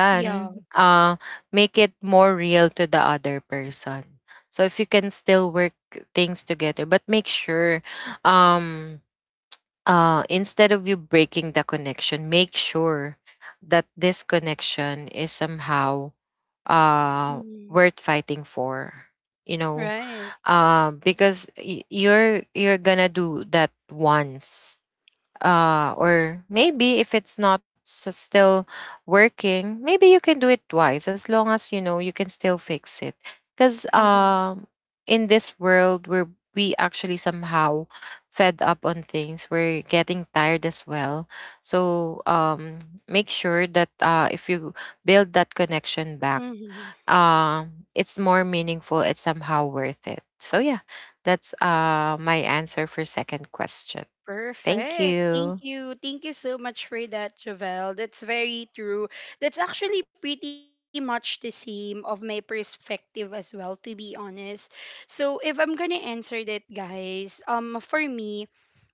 A: Yeah.
B: uh, make it more real to the other person. So if you can still work things together, but make sure, um, uh, instead of you breaking the connection, make sure that this connection is somehow uh,
A: Mm-hmm.
B: worth fighting for. You know,
A: Right.
B: uh, because y- you're you're gonna do that once, uh, or maybe if it's not s- still working, maybe you can do it twice, as long as you know you can still fix it. Because
A: Mm-hmm.
B: um, in this world where we actually somehow fed up on things, we're getting tired as well. So um, make sure that uh, if you build that connection back,
A: Mm-hmm.
B: um, it's more meaningful. It's somehow worth it. So yeah, that's uh, my answer for second question. Thank
A: Perfect. Thank
B: you.
A: you. Thank you so much for that, Javel. That's very true. That's actually pretty much the same of my perspective as well, to be honest. So if I'm gonna answer that, guys, um, for me,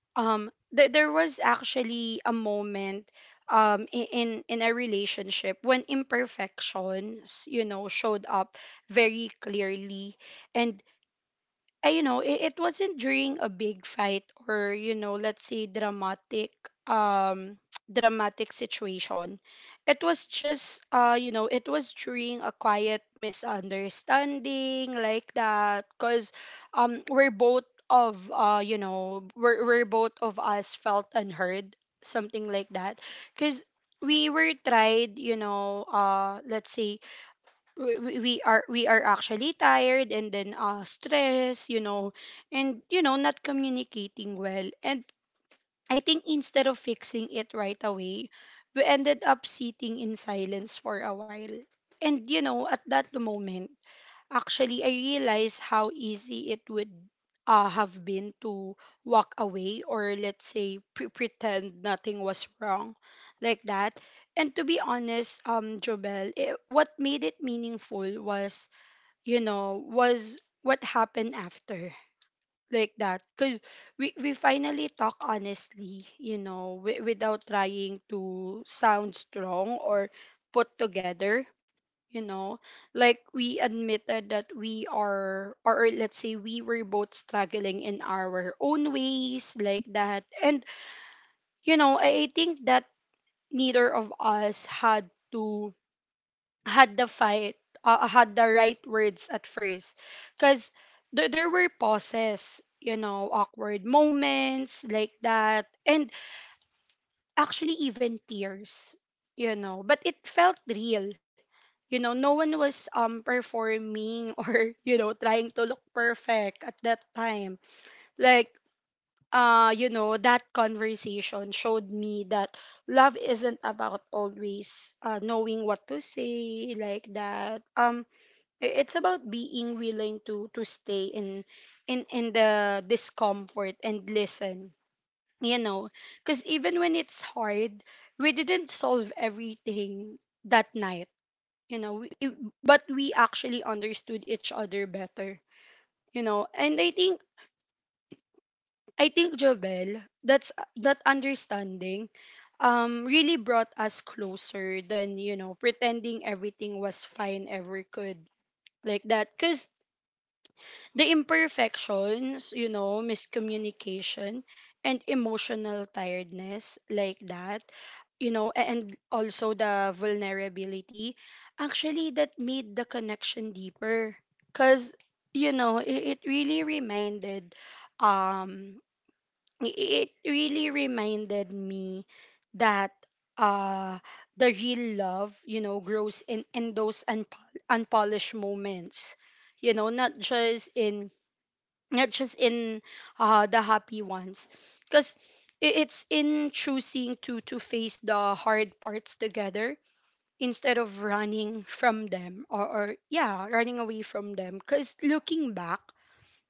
A: um th- there was actually a moment um i- in in a relationship when imperfections you know showed up very clearly and I, you know, it, it wasn't during a big fight or, you know, let's say dramatic um dramatic situation. It was just uh, you know, it was during a quiet misunderstanding like that cuz um we're both of uh, you know, we're, we're both of us felt unheard, something like that. Cuz we were tried, you know, uh let's say we we we are we are actually tired and then uh stress you know and you know not communicating well and I think instead of fixing it right away we ended up sitting in silence for a while and you know at that moment actually, I realized how easy it would uh, have been to walk away or let's say pre- pretend nothing was wrong like that. And to be honest, um, Jobel, it, what made it meaningful was, you know, was what happened after like that because we, we finally talk honestly you know w- without trying to sound strong or put together you know like we admitted that we are or or let's say we were both struggling in our own ways like that and you know i, I think that neither of us had to had the fight uh, had the right words at first because th- there were pauses you know awkward moments like that and actually even tears you know but it felt real you know no one was um performing or you know trying to look perfect at that time like uh you know that conversation showed me that love isn't about always uh knowing what to say like that um i- it's about being willing to to stay in in in the discomfort and listen you know because even when it's hard we didn't solve everything that night you know we, it- but we actually understood each other better you know and I think I think Jovel that's that understanding um really brought us closer than you know pretending everything was fine ever could like that cause. The imperfections, you know, miscommunication and emotional tiredness like that, you know, a- and also the vulnerability, actually that made the connection deeper. Cause, you know, it, it really reminded um i- it really reminded me that uh the real love, you know, grows in, in those unpol- unpolished moments. You know, not just in not just in uh, the happy ones because it's in choosing to to face the hard parts together instead of running from them or, or yeah running away from them because looking back,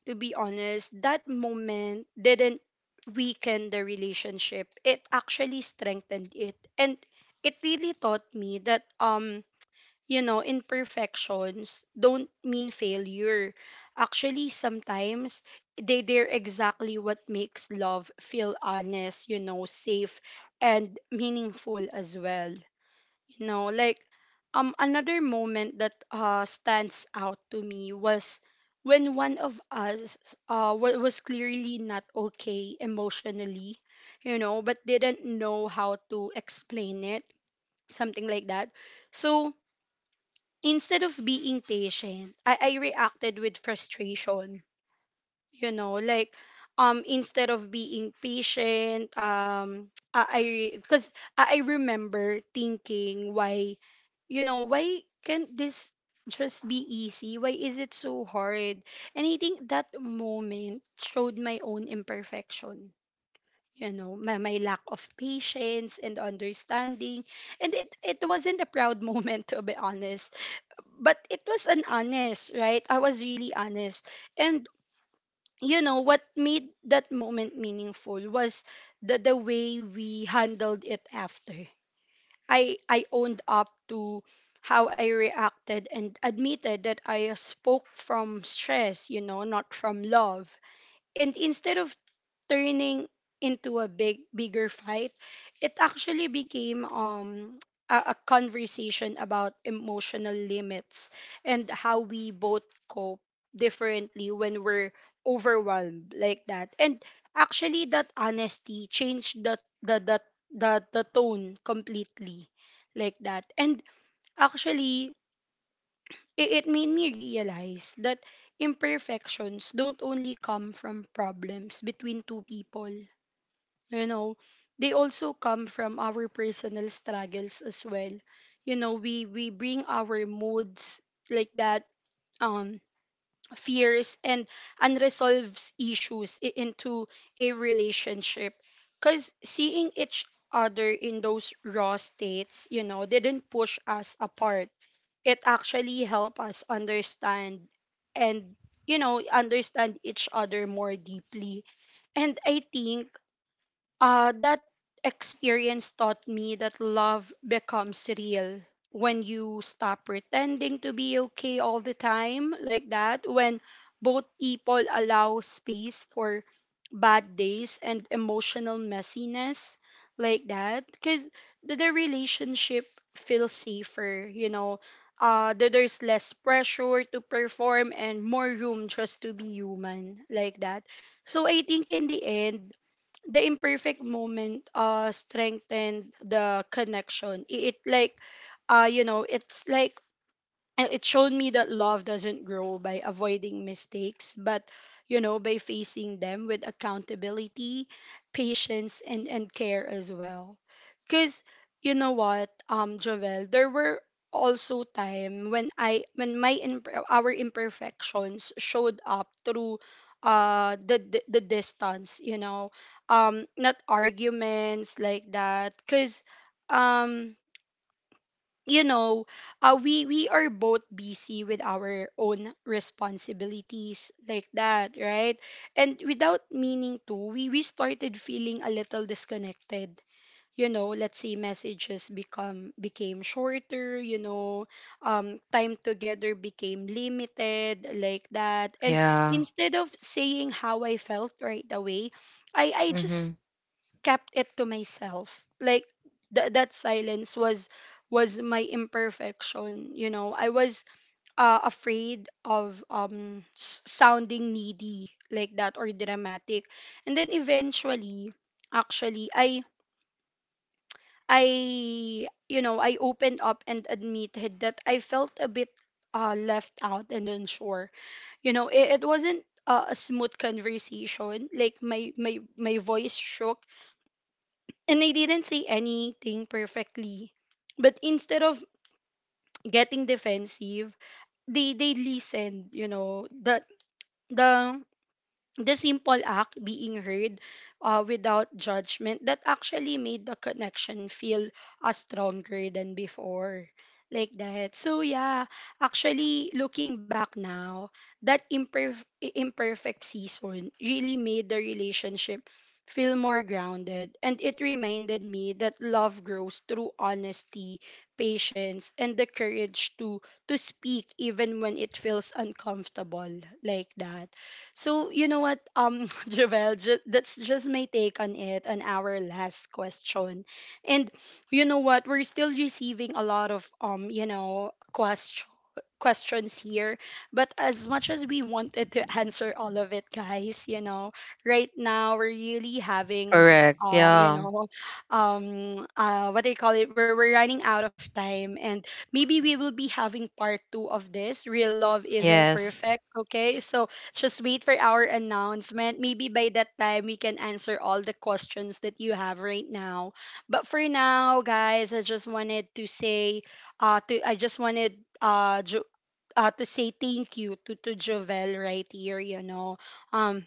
A: to be honest, that moment didn't weaken the relationship, it actually strengthened it. And it really taught me that um you know, imperfections don't mean failure. Actually, sometimes they, they're exactly what makes love feel honest, you know, safe and meaningful as well. You know, like um Another moment that uh stands out to me was when one of us uh wa- was clearly not okay emotionally, you know, but didn't know how to explain it, something like that. So instead of being patient, I, I reacted with frustration. You know, like um Instead of being patient, um I because I, 'cause I remember thinking, why, you know, why can't this just be easy? Why is it so hard? And I think that moment showed my own imperfection. You know, my, my lack of patience and understanding. And it, it wasn't a proud moment, to be honest, but it was an honest, right? I was really honest. And you know what made that moment meaningful was the the way we handled it after. I I owned up to how I reacted, and admitted that I spoke from stress, you know, not from love. And instead of turning into a big bigger fight, it actually became um a, a conversation about emotional limits and how we both cope differently when we're overwhelmed like that. And actually, that honesty changed the the the the, the tone completely, like that. And actually, it, it made me realize that imperfections don't only come from problems between two people, you know, they also come from our personal struggles as well. You know, we we bring our moods, like that, um fears and unresolved issues i- into a relationship, cuz seeing each other in those raw states, you know, didn't push us apart. It actually helped us understand and, you know, understand each other more deeply. And I think uh, that experience taught me that love becomes real when you stop pretending to be okay all the time, like that, when both people allow space for bad days and emotional messiness, like that, because the, the relationship feels safer, you know. Uh, that there's less pressure to perform and more room just to be human, like that. So I think in the end, the imperfect moment uh strengthened the connection I- it like uh you know, it's like, and it showed me that love doesn't grow by avoiding mistakes, but you know, by facing them with accountability, patience, and and care as well. Because you know what, um Jovel, there were also time when I when my imp- our imperfections showed up through uh the the, the distance, you know, um not arguments, like that. Because um you know, uh, we we are both busy with our own responsibilities like that, right? And without meaning to, we we started feeling a little disconnected. You know, let's say messages become became shorter. You know, um, time together became limited, like that. And
B: Yeah.
A: instead of saying how I felt right away, I I
B: Mm-hmm.
A: just kept it to myself. Like, th- that silence was was my imperfection. You know, I was uh, afraid of um s- sounding needy, like that, or dramatic. And then eventually, actually, I I you know, I opened up and admitted that I felt a bit uh, left out and unsure. You know, it, it wasn't uh, a smooth conversation. Like, my my my voice shook, and I didn't say anything perfectly. But instead of getting defensive, they they listened, you know. The the the simple act being heard, uh, without judgment, that actually made the connection feel uh, stronger than before, like that. So yeah, actually, looking back now, that imperf- i- imperfect season really made the relationship feel more grounded, and it reminded me that love grows through honesty, patience, and the courage to to speak even when it feels uncomfortable, like that. So you know what, um, Javel, ju- that's just my take on it, on our last question. And you know what, we're still receiving a lot of um, you know, questions questions here. But as much as we wanted to answer all of it, guys, you know, right now we're really having,
B: Correct.
A: uh, you
B: Yeah.
A: know, um, uh, what do you call it? We're, we're running out of time, and maybe we will be having part two of this. Real love isn't
B: Yes.
A: perfect, okay? So just wait for our announcement. Maybe by that time we can answer all the questions that you have right now. But for now, guys, I just wanted to say, uh, to I just wanted uh Jo- uh, to say thank you to to Jovel right here. You know, um,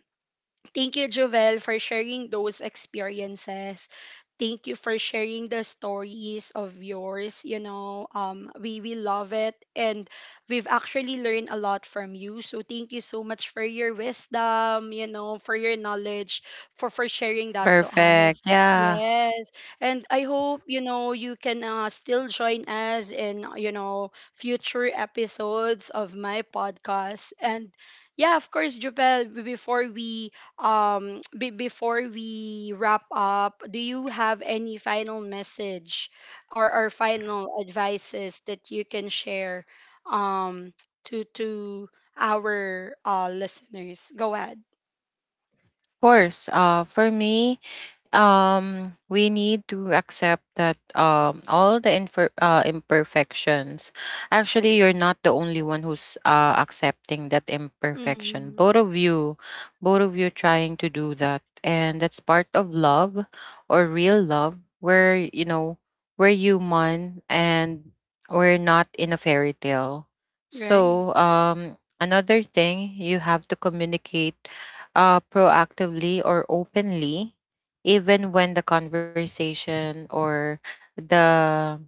A: thank you, Jovel, for sharing those experiences. Thank you for sharing the stories of yours. You know, um, we we love it, and we've actually learned a lot from you. So thank you so much for your wisdom. You know, for your knowledge, for for sharing that to
B: Perfect.
A: us.
B: Yeah. Of
A: Yes, and I hope, you know, you can uh, still join us in, you know, future episodes of my podcast. And yeah, of course, Jubel. b- Before we um be before we wrap up, do you have any final message or, or final advices that you can share um to to our uh listeners? Go ahead.
B: course. Uh, for me, um we need to accept that um all the infer- uh, imperfections, actually you're not the only one who's uh, accepting that imperfection.
A: Mm-hmm.
B: Both of you, both of you trying to do that, and that's part of love, or real love, where you know we're human and we're not in a fairy tale.
A: Right.
B: So um another thing, you have to communicate uh proactively or openly, even when the conversation or the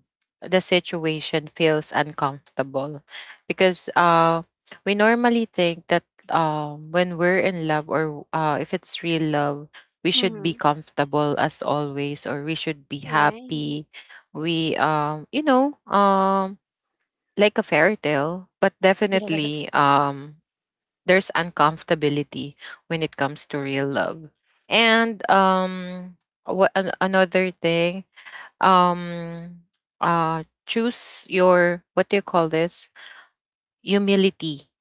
B: the situation feels uncomfortable. Because uh we normally think that um when we're in love, or uh if it's real love, we should be
A: Mm-hmm.
B: comfortable as always, or we should be
A: Right.
B: happy. We um you know um like a fairy tale. But
A: Yes.
B: definitely um there's uncomfortability when it comes to real love. And um what an- another thing, um uh choose your, what do you call this, humility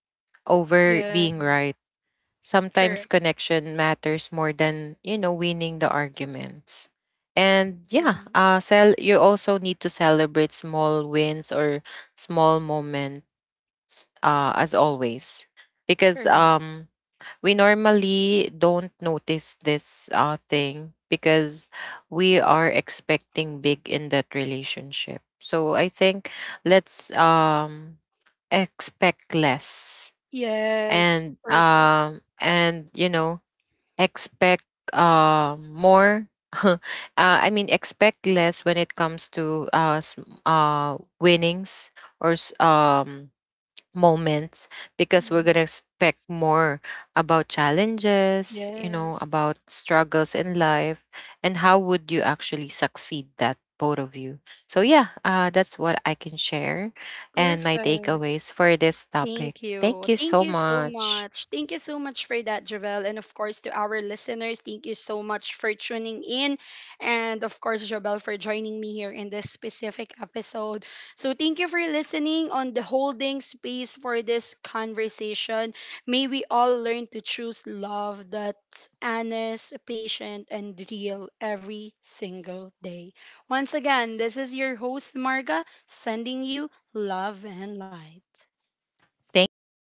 B: over
A: Yes.
B: being right. Sometimes
A: Correct.
B: connection matters more than, you know, winning the arguments. And yeah,
A: Right.
B: uh sell. You also need to celebrate small wins or small moments uh as always. Because
A: Correct.
B: um we normally don't notice this uh, thing, because we are expecting big in that relationship. So I think, let's um expect less.
A: Yes.
B: and
A: Perfect.
B: um and you know, expect uh more, uh, I mean, expect less when it comes to uh, s- uh winnings or s- um moments, because we're going
A: Mhm.
B: to expect more about challenges, you know,
A: Yes.
B: about struggles in life, and how would you actually succeed that, both of you. So yeah, uh, that's what I can share, and my
A: Perfect.
B: takeaways for this topic.
A: Thank you.
B: Thank you
A: Thank
B: so
A: you so
B: much.
A: much. Thank you so much for that, Javel. And of course, to our listeners, thank you so much for tuning in. And of course, Javel, for joining me here in this specific episode. So, thank you for listening on the holding space for this conversation. May we all learn to choose love that's honest, patient, and real every single day. Once again, this is your host, Marga, sending you love and light.
B: Thank you